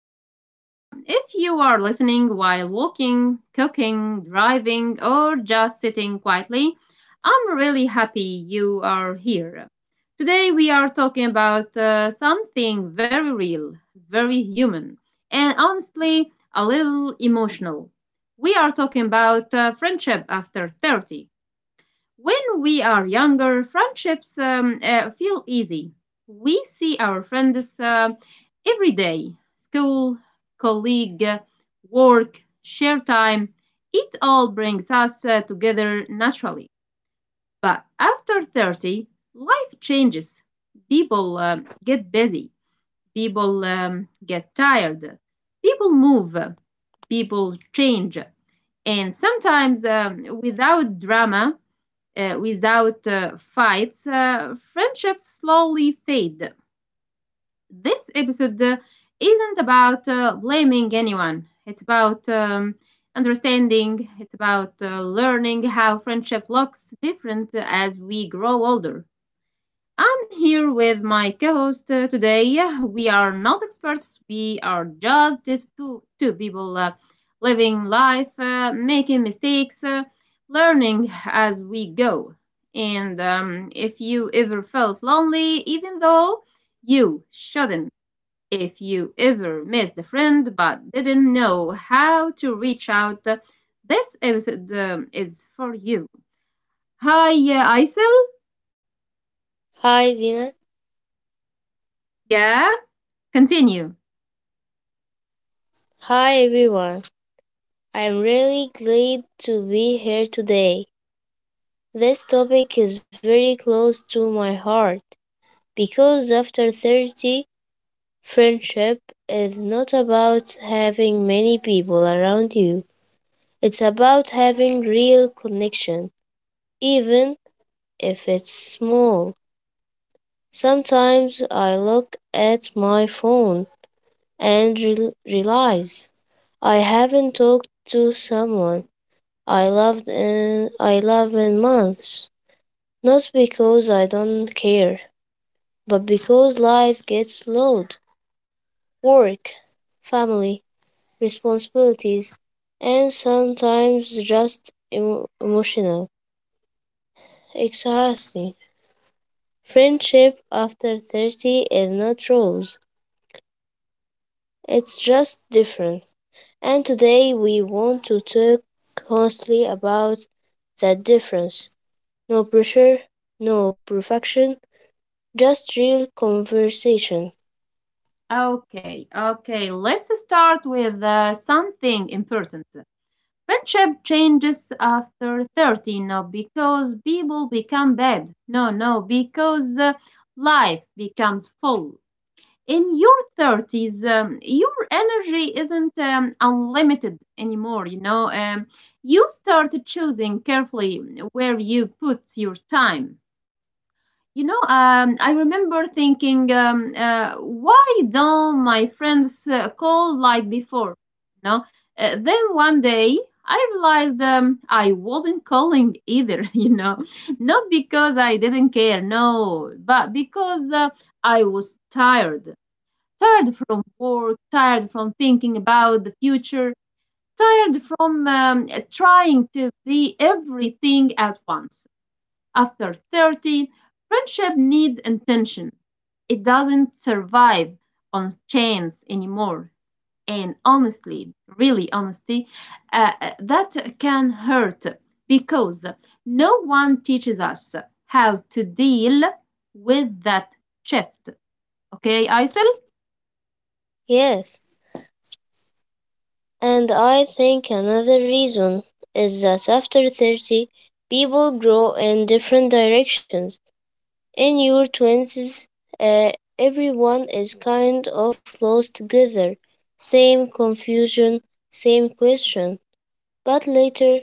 episode. If you are listening while walking, cooking, driving, or just sitting quietly, I'm really happy you are here. Today, we are talking about something very real, very human, and honestly, a little emotional. We are talking about friendship after 30. When we are younger, friendships feel easy. We see our friends every day, school, colleague, work, share time. It all brings us together naturally. But after 30, life changes. People get busy, people get tired, people move, people change. And sometimes, without drama, without fights, friendships slowly fade. This episode isn't about blaming anyone. It's about understanding. It's about learning how friendship looks different as we grow older. I'm here with my co host today. We are not experts, we are just these two people living life, making mistakes, learning as we go. And if you ever felt lonely, even though you shouldn't, if you ever missed a friend but didn't know how to reach out, this episode is for you. Hi, Aysel. Hi, Dina. Yeah, continue. Hi, everyone. I'm really glad to be here today. This topic is very close to my heart because after 30, friendship is not about having many people around you, it's about having real connection, even if it's small. Sometimes I look at my phone and realize I haven't talked to someone I love in months. Not because I don't care, but because life gets loud. Work, family, responsibilities, and sometimes just emotional. Exhausting. Friendship after 30 is not rose. It's just different. And today we want to talk honestly about that difference. No pressure, no perfection, just real conversation. Okay, okay. Let's start with something important. Friendship changes after 30, not because people become bad. No, no, because life becomes full. In your 30s, your energy isn't unlimited anymore, you know. You start choosing carefully where you put your time. I remember thinking, why don't my friends call like before? You know, then one day I realized I wasn't calling either. You know, not because I didn't care, no, but because I was tired, tired from work, tired from thinking about the future, tired from trying to be everything at once. After 30, friendship needs intention. It doesn't survive on chance anymore. And honestly, really honesty, that can hurt because no one teaches us how to deal with that shift. Okay, Aysel? Yes, and I think another reason is that after 30, people grow in different directions. In your 20s, uh, everyone is kind of lost together, same confusion, same question. But later,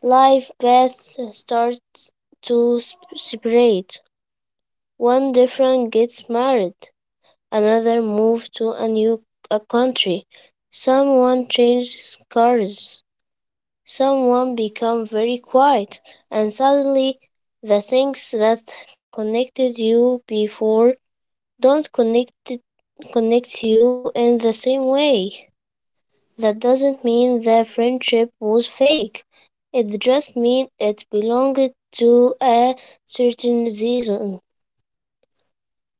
life paths start to separate. One different gets married, another moved to a new a country. Someone changed cars. Someone became very quiet, and suddenly the things that connected you before don't connect connect you in the same way. That doesn't mean the friendship was fake. It just means it belonged to a certain season.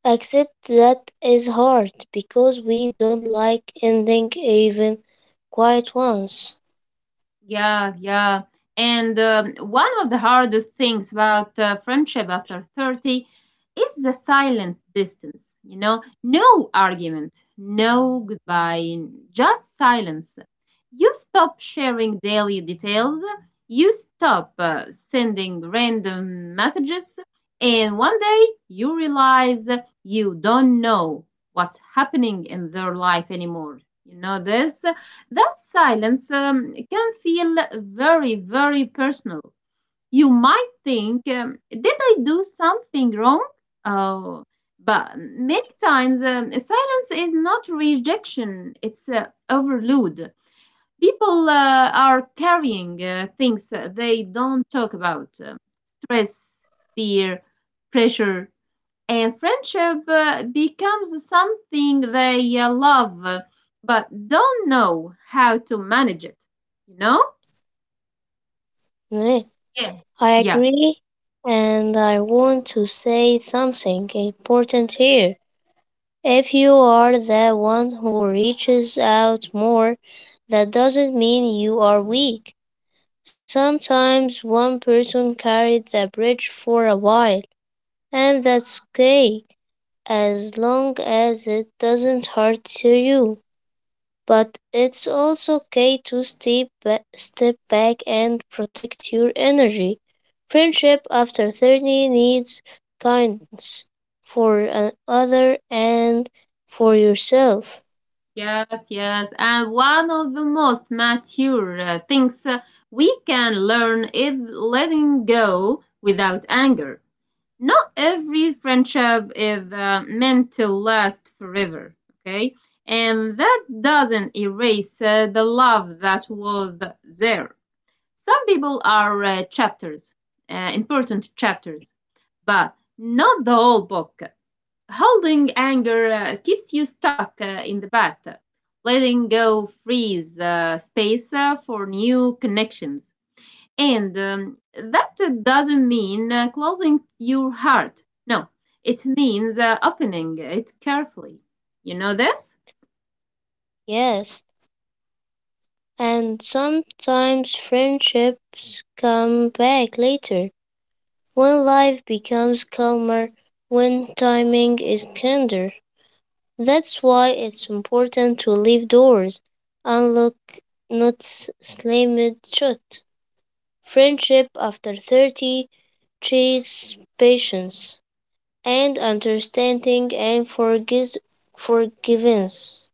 Accept that is hard because we don't like ending even quiet ones. Yeah, yeah. And one of the hardest things about friendship after 30 is the silent distance. You know, no argument, no goodbye, just silence. You stop sharing daily details, you stop sending random messages, and one day you realize you don't know what's happening in their life anymore. You know this? That silence can feel very, very personal. You might think, did I do something wrong? Oh, but many times silence is not rejection, it's overload. People are carrying things they don't talk about, stress, fear, pressure, and friendship becomes something they love, but don't know how to manage it, you know. Neh. Yeah, I yeah. agree, and I want to say something important here. If you are the one who reaches out more, that doesn't mean you are weak. Sometimes one person carried the bridge for a while, and that's okay as long as it doesn't hurt to you. But it's also okay to step back and protect your energy. Friendship after 30 needs kindness for another and for yourself. Yes, yes, and one of the most mature things we can learn is letting go without anger. Not every friendship is meant to last forever, okay, and that doesn't erase the love that was there. Some people are chapters, important chapters, but not the whole book. Holding anger keeps you stuck in the past. Letting go frees space for new connections. And that doesn't mean closing your heart. No, it means opening it carefully. You know this? Yes, and sometimes friendships come back later when life becomes calmer, when timing is kinder. That's why it's important to leave doors unlocked, not slammed shut. Friendship after 30 teaches patience and understanding and forgives forgiveness.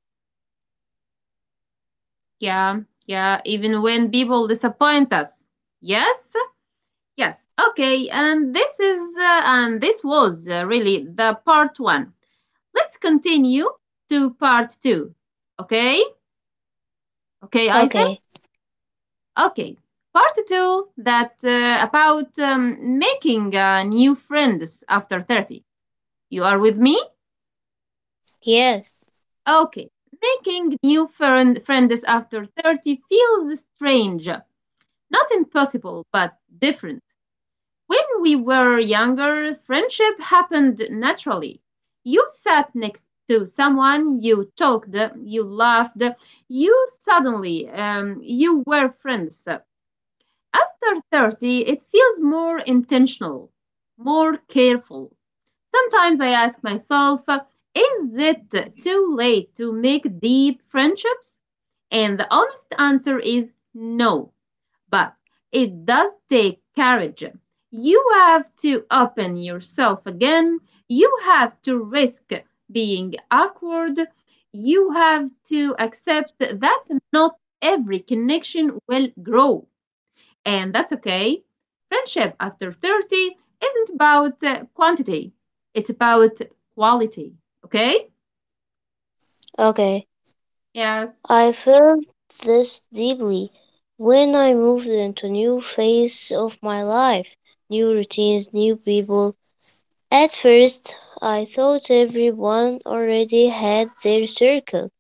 Yeah, yeah, even when people disappoint us. Yes? Yes. Okay. And this is and this was really the part one. Let's continue to part two. Okay. Okay, Okay, Aysel. Okay. Part two, that about making new friends after 30. You are with me? yes, Okay. Making new friends after 30 feels strange, not impossible, but different. When we were younger, friendship happened naturally. You sat next to someone, you talked, you laughed, you suddenly, you were friends. After 30, it feels more intentional, more careful. Sometimes I ask myself, is it too late to make deep friendships? And the honest answer is no, but it does take courage. You have to open yourself again. You have to risk being awkward. You have to accept that not every connection will grow, and that's okay. Friendship after 30 isn't about quantity, it's about quality, okay? okay. Yes. I felt this deeply when I moved into new phase of my life, new routines, new people. At first, I thought everyone already had their circle.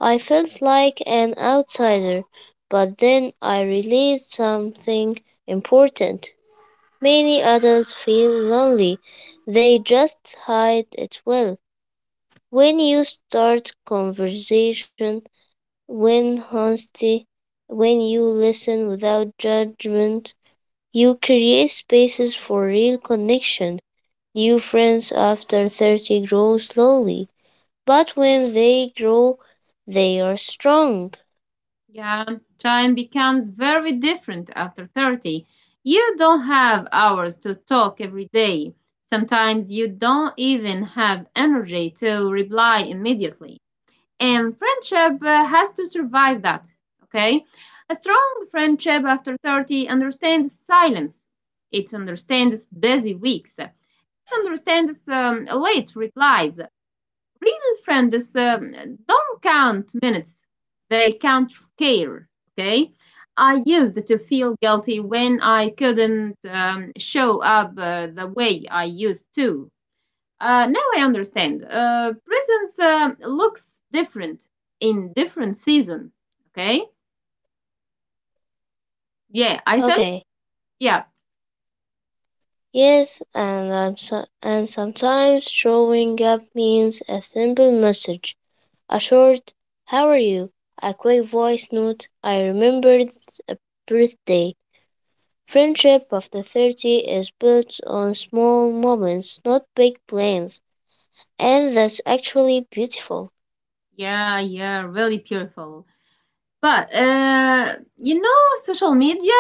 I felt like an outsider, but then I realized something important. Many adults feel lonely, they just hide it well. When you start conversation, when honesty, when you listen without judgment, you create spaces for real connection. New friends after 30 grow slowly, but when they grow, they are strong. Yeah, time becomes very different after 30. You don't have hours to talk every day. Sometimes you don't even have energy to reply immediately. And friendship has to survive that, okay? A strong friendship after 30 understands silence, it understands busy weeks, it understands late replies. Real friends don't count minutes, they count care. Okay. I used to feel guilty when I couldn't show up the way I used to. Now I understand. Presence looks different in different season. Okay. Yeah, I Okay. Yeah. Yes, and sometimes showing up means a simple message, a short "How are you?" a quick voice note. I remembered a birthday. Friendship after 30 is built on small moments, not big plans, and that's actually beautiful. Yeah. Yeah. Really beautiful. But you know, social media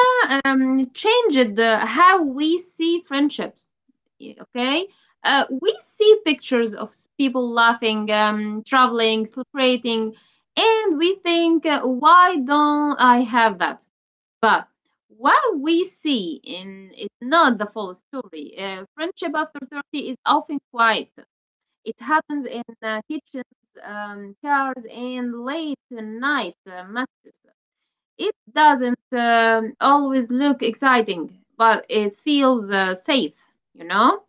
um, changed how we see friendships. Okay, we see pictures of people laughing, traveling, celebrating, and we think, why don't I have that? But what we see in is not the full story. Friendship after 30 is often quiet. It happens in kitchens, cars, and late night messages. It doesn't always look exciting, but it feels safe, you know?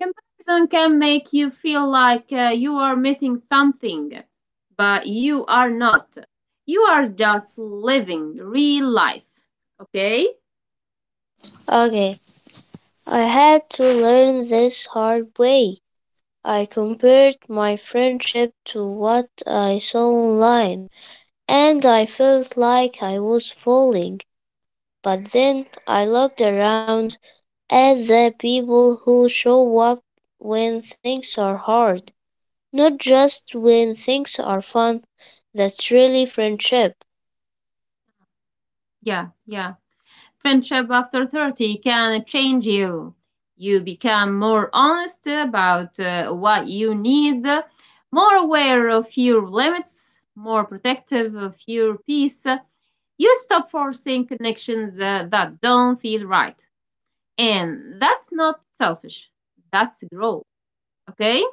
Comparison can make you feel like you are missing something, but you are not. You are just living real life, okay? Okay, I had to learn this hard way. I compared my friendship to what I saw online, and I felt like I was falling. But then I looked around at the people who show up when things are hard, not just when things are fun. That's really friendship. Yeah, yeah. Friendship after 30 can change you. You become more honest about what you need, more aware of your limits, more protective of your peace. You stop forcing connections that don't feel right. And that's not selfish, that's growth. Okay?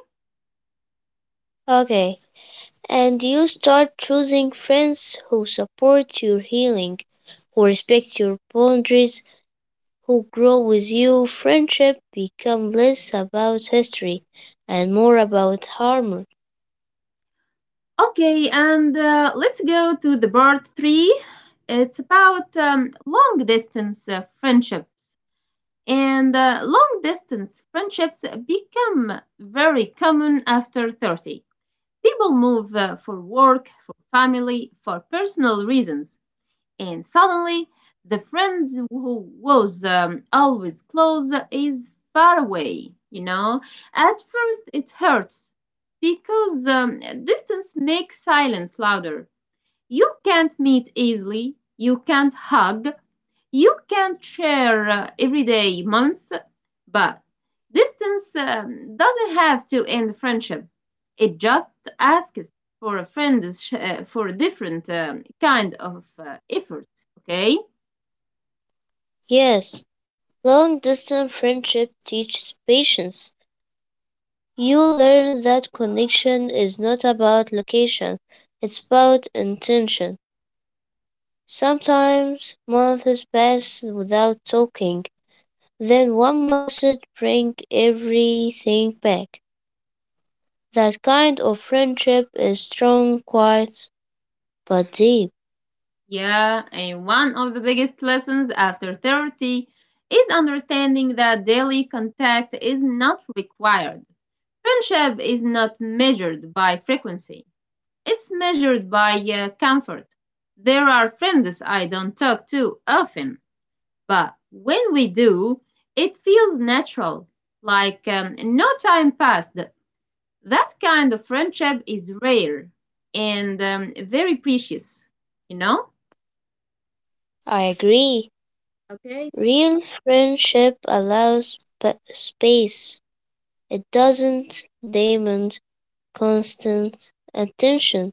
Okay, and you start choosing friends who support your healing, who respect your boundaries, who grow with you. Friendship become less about history and more about harmony. Okay, and let's go to the part three. It's about long distance friendships. And long distance friendships become very common after 30. People move for work, for family, for personal reasons. And suddenly, the friend who was always close is far away, you know? At first, it hurts because distance makes silence louder. You can't meet easily, you can't hug, you can share everyday moments, but distance doesn't have to end friendship. It just asks for a different kind of effort. Okay. Yes, long distance friendship teaches patience. You learn that connection is not about location, it's about intention. Sometimes months pass without talking, then one message brings everything back. That kind of friendship is strong, quiet, but deep. Yeah, and one of the biggest lessons after 30 is understanding that daily contact is not required. Friendship is not measured by frequency. It's measured by comfort. There are friends I don't talk to often, but when we do, it feels natural, like no time passed. That kind of friendship is rare and very precious, you know? I agree. Okay. Real friendship allows space. It doesn't demand constant attention.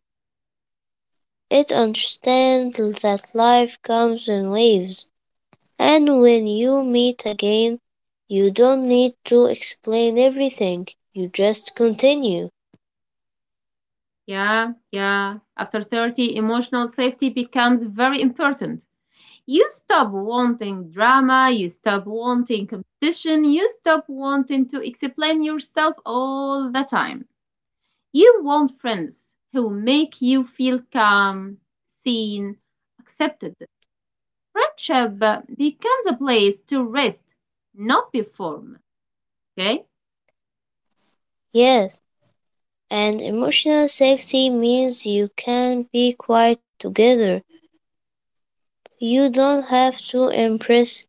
It understands that life comes in waves, and when you meet again, you don't need to explain everything. You just continue. Yeah, yeah. After 30, emotional safety becomes very important. You stop wanting drama, you stop wanting competition, you stop wanting to explain yourself all the time. You want friends who make you feel calm, seen, accepted. Friendship becomes a place to rest, not perform. Okay? Yes, and emotional safety means you can be quiet together. You don't have to impress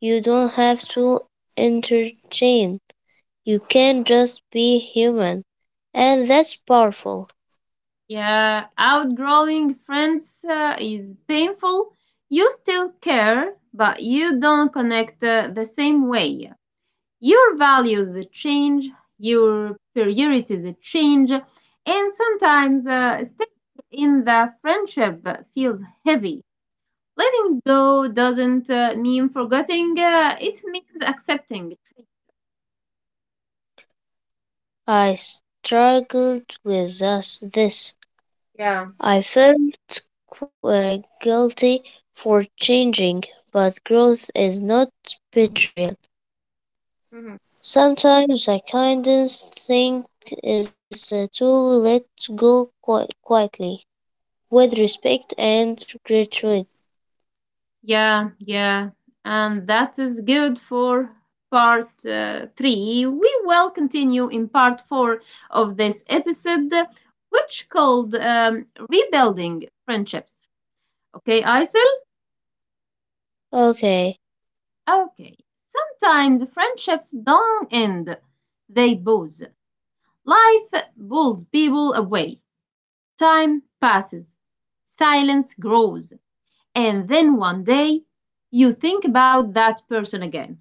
You don't have to entertain. You can just be human. And that's powerful. Yeah, outgrowing friends is painful. You still care, but you don't connect the same way. Your values change, your priorities change, and sometimes staying in the friendship feels heavy. Letting go doesn't mean forgetting, it means accepting. I struggled with us this. Yeah. I felt uh, guilty for changing, but growth is not betrayal. Hmm. Sometimes the kindest thing is to let go quietly, with respect and gratitude. Yeah, yeah. And that is good for part three. We will continue in part four of this episode, which called Rebuilding Friendships. Okay, I Okay, Okay, sometimes friendships don't end, they booze. Life pulls people away, time passes, silence grows, and then one day you think about that person again.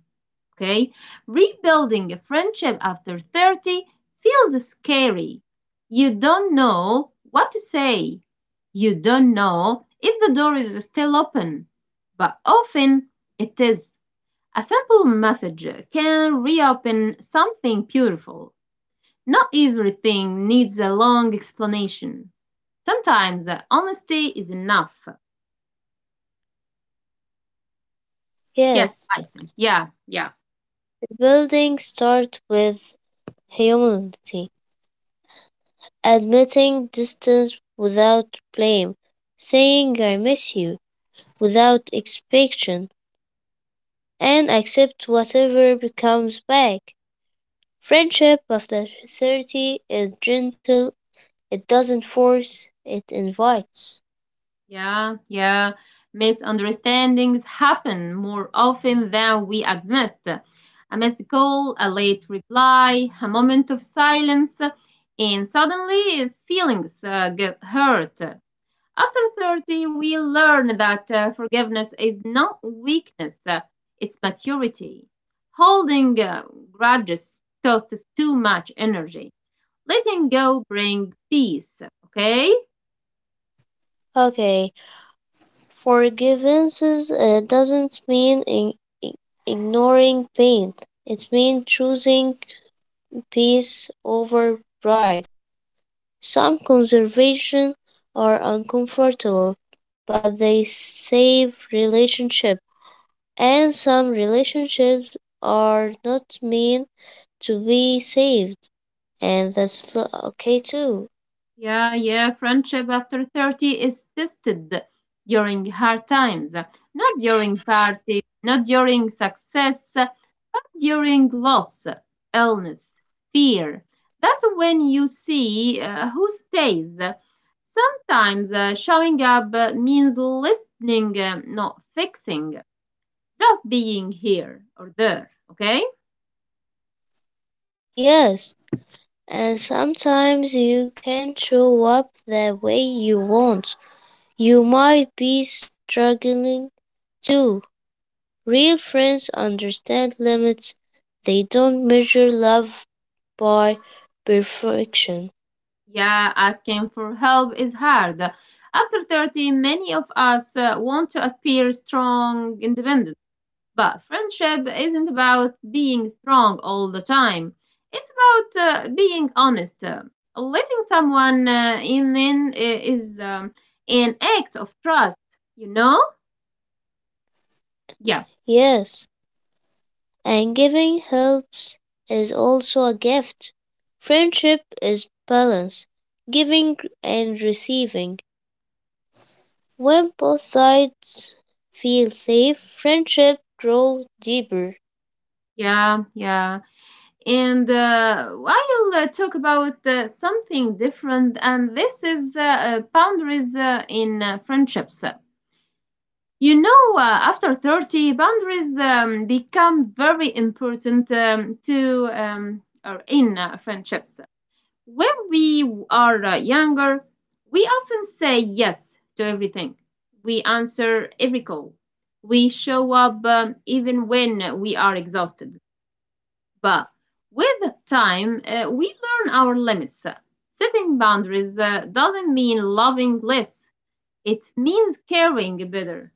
Okay, rebuilding a friendship after 30 feels scary. You don't know what to say, you don't know if the door is still open, but often it is. A simple message can reopen something beautiful. Not everything needs a long explanation. Sometimes honesty is enough. Yes, yes. I think. Yeah, yeah, Building starts with humility, admitting distance without blame, saying I miss you without expectation, and accept whatever comes back. Friendship after 30 is gentle, it doesn't force, it invites. yeah, yeah. Misunderstandings happen more often than we admit. A missed call, a late reply, a moment of silence, and suddenly feelings get hurt. After 30, we learn that forgiveness is not weakness, it's maturity. Holding grudges costs too much energy. Letting go brings peace, okay? Okay, forgiveness doesn't mean i- ignoring pain, it means choosing peace over pride. Some conservation are uncomfortable, but they save relationships. And some relationships are not meant to be saved, and that's okay too. Yeah, yeah, friendship after 30 is tested during hard times, not during parties, not during success, during loss, illness, fear. That's when you see who stays. Sometimes showing up means listening, not fixing, just being here or there, okay? Yes, and sometimes you can't show up the way you want. You might be struggling too. Real friends understand limits, they don't measure love by perfection. Yeah, asking for help is hard. After 30, many of us want to appear strong, independent. But friendship isn't about being strong all the time. It's about being honest. Letting someone is an act of trust, you know? Yeah, Yes, and giving helps is also a gift. Friendship is balance, giving and receiving. When both sides feel safe, friendship grows deeper. yeah, yeah. And I'll talk about something different, and this is boundaries in friendships. You know, after 30, boundaries become very important to or in friendships. When we are younger, we often say yes to everything. We answer every call. We show up even when we are exhausted. But with time, we learn our limits. Setting boundaries, doesn't mean loving less, it means caring better.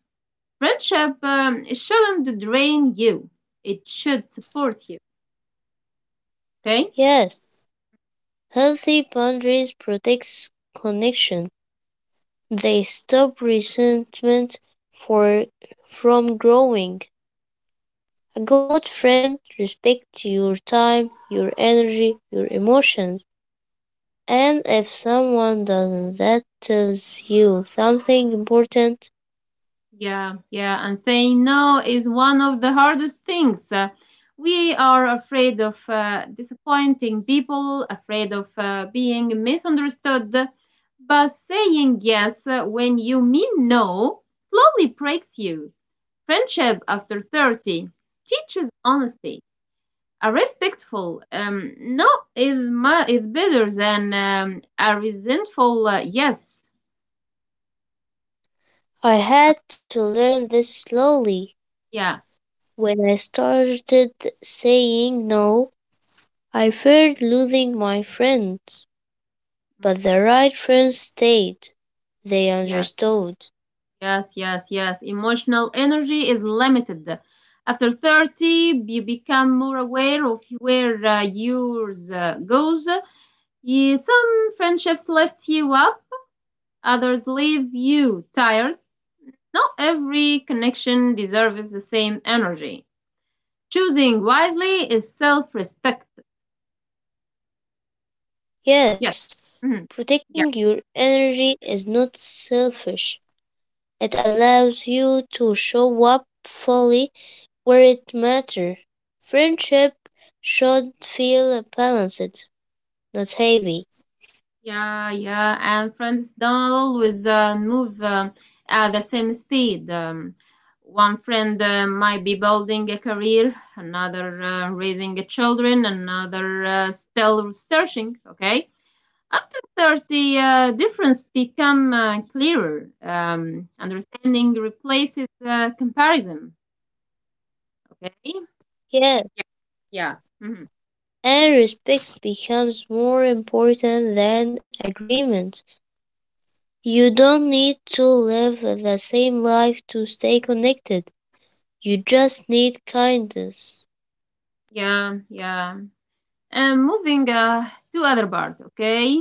Friendship, it shouldn't drain you. It should support you. Okay? Yes, healthy boundaries protects connection. They stop resentment for, from growing. A good friend respects your time, your energy, your emotions. And if someone doesn't, that tells you something important. Yeah, yeah. And saying no is one of the hardest things. We are afraid of disappointing people, afraid of being misunderstood. But saying yes when you mean no slowly breaks you. Friendship after 30 teaches honesty. A respectful no is my is better than a resentful yes. I had to learn this slowly. Yeah. When I started saying no, I feared losing my friends. mm, But the right friends stayed. They yes. understood. Yes. Emotional energy is limited. After 30 you become more aware of where yours goes. Some friendships lift you up, others leave you tired. Not every connection deserves the same energy. Choosing wisely is self-respect. Yes. Yes, Mhm. protecting Yeah, your energy is not selfish. It allows you to show up fully where it matters. Friendship should feel balanced, not heavy. yeah. And friends don't always move, at the same speed. One friend might be building a career, another raising a children, another still searching. Okay. After 30, difference become clearer. Understanding replaces comparison. Okay. Yeah. Yeah, Yeah. Mhm. and respect becomes more important than agreement. You don't need to live the same life to stay connected. You just need kindness. Yeah. Yeah. And moving, to other part, okay?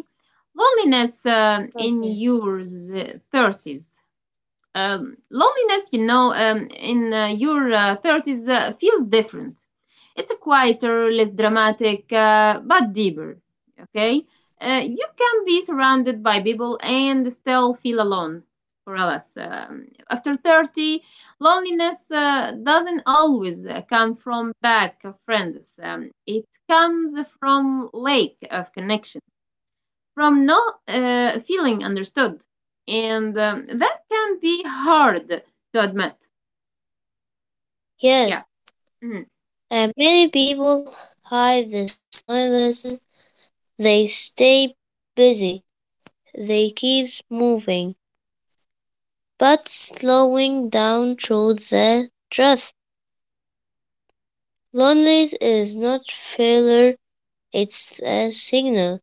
Loneliness in Okay. your thirties. Loneliness, you know, in your 30s feels different. It's quieter, less dramatic, but deeper. Okay? You can be surrounded by people and still feel alone. For us, after 30, loneliness doesn't always come from back of friends. It comes from lack of connection, from not feeling understood. And that can be hard to admit. Yeah. Yes, Mhm. and many people hide this loneliness. They stay busy. They keep moving, but slowing down shows their truth. Loneliness is not failure. It's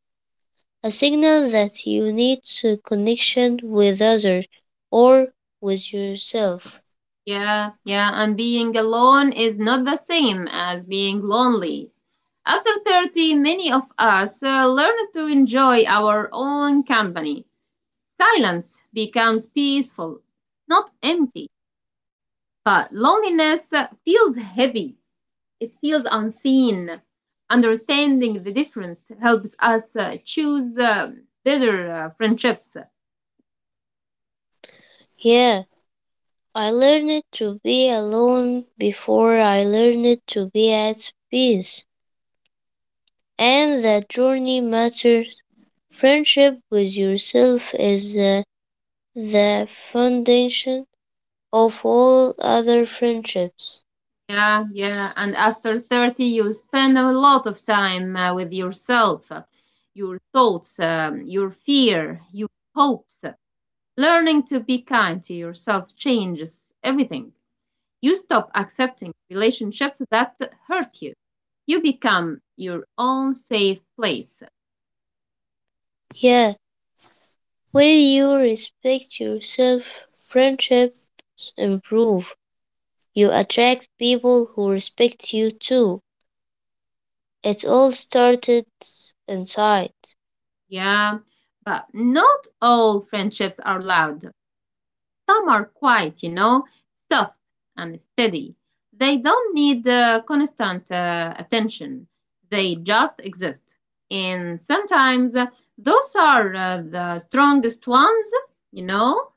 a signal that you need to connection with others or with yourself. Yeah. Yeah. And being alone is not the same as being lonely. After 30, many of us learn to enjoy our own company. Silence becomes peaceful, not empty. But loneliness feels heavy. It feels unseen. Understanding the difference helps us choose better friendships. Yeah, I learned to be alone before I learned to be at peace, and that journey matters. Friendship with yourself is the foundation of all other friendships. Yeah, yeah. And after 30, you spend a lot of time with yourself, your thoughts, your fear, your hopes. Learning to be kind to yourself changes everything. You stop accepting relationships that hurt you. You become your own safe place. Yeah, when you respect yourself, friendships improve. You attract people who respect you too. It all started inside. Yeah, but not all friendships are loud. Some are quiet, you know, soft and steady. They don't need constant attention, they just exist. And sometimes those are the strongest ones, you know?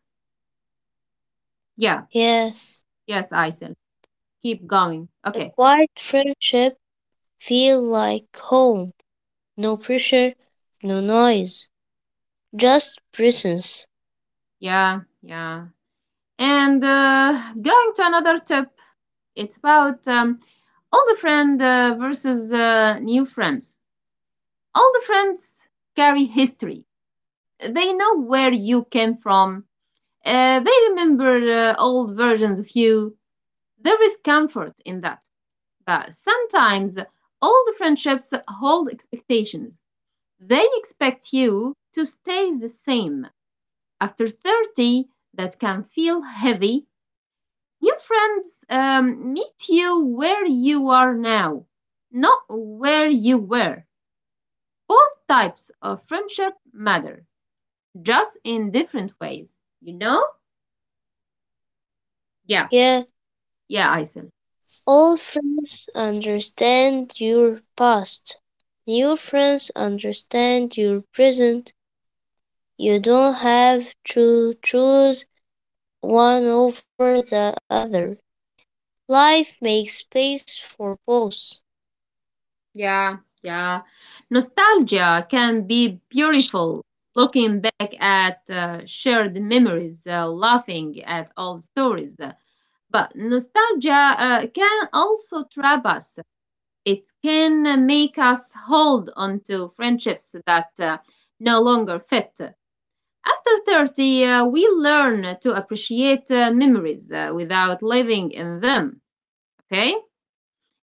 Yeah, Yeah, yes, Aisel. Keep going. a Okay, quiet friendship feel like home. No pressure, no noise, just presence. yeah, yeah. And going to another tip, it's about old friend versus new friends. All the friends carry history. They know where you came from. They remember old versions of you. There is comfort in that. But sometimes all the friendships hold expectations. They expect you to stay the same. After 30, that can feel heavy. New friends, meet you where you are now, not where you were. Both types of friendship matter, just in different ways, you know? Yeah, Yeah. yeah, Isim. Old friends understand your past. New friends understand your present. You don't have to choose one over the other. Life makes space for both. Yeah, yeah. Nostalgia can be beautiful, looking back at shared memories, laughing at old stories. But nostalgia can also trap us. It can make us hold on to friendships that no longer fit. After 30, we learn to appreciate memories without living in them, okay?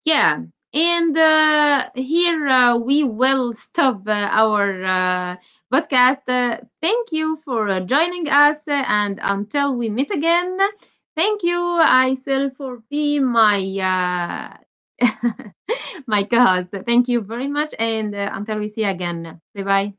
Yeah, and Okay, here we memories will don't stop disappear our when friendships podcast. change. Thank you for They joining us, start, and they until we stay meet part again, of you. thank you, Letting Aysel, for go being of the my present uh, my doesn't co-host. Thank erase you very the much, and past. Until we see you again, bye bye.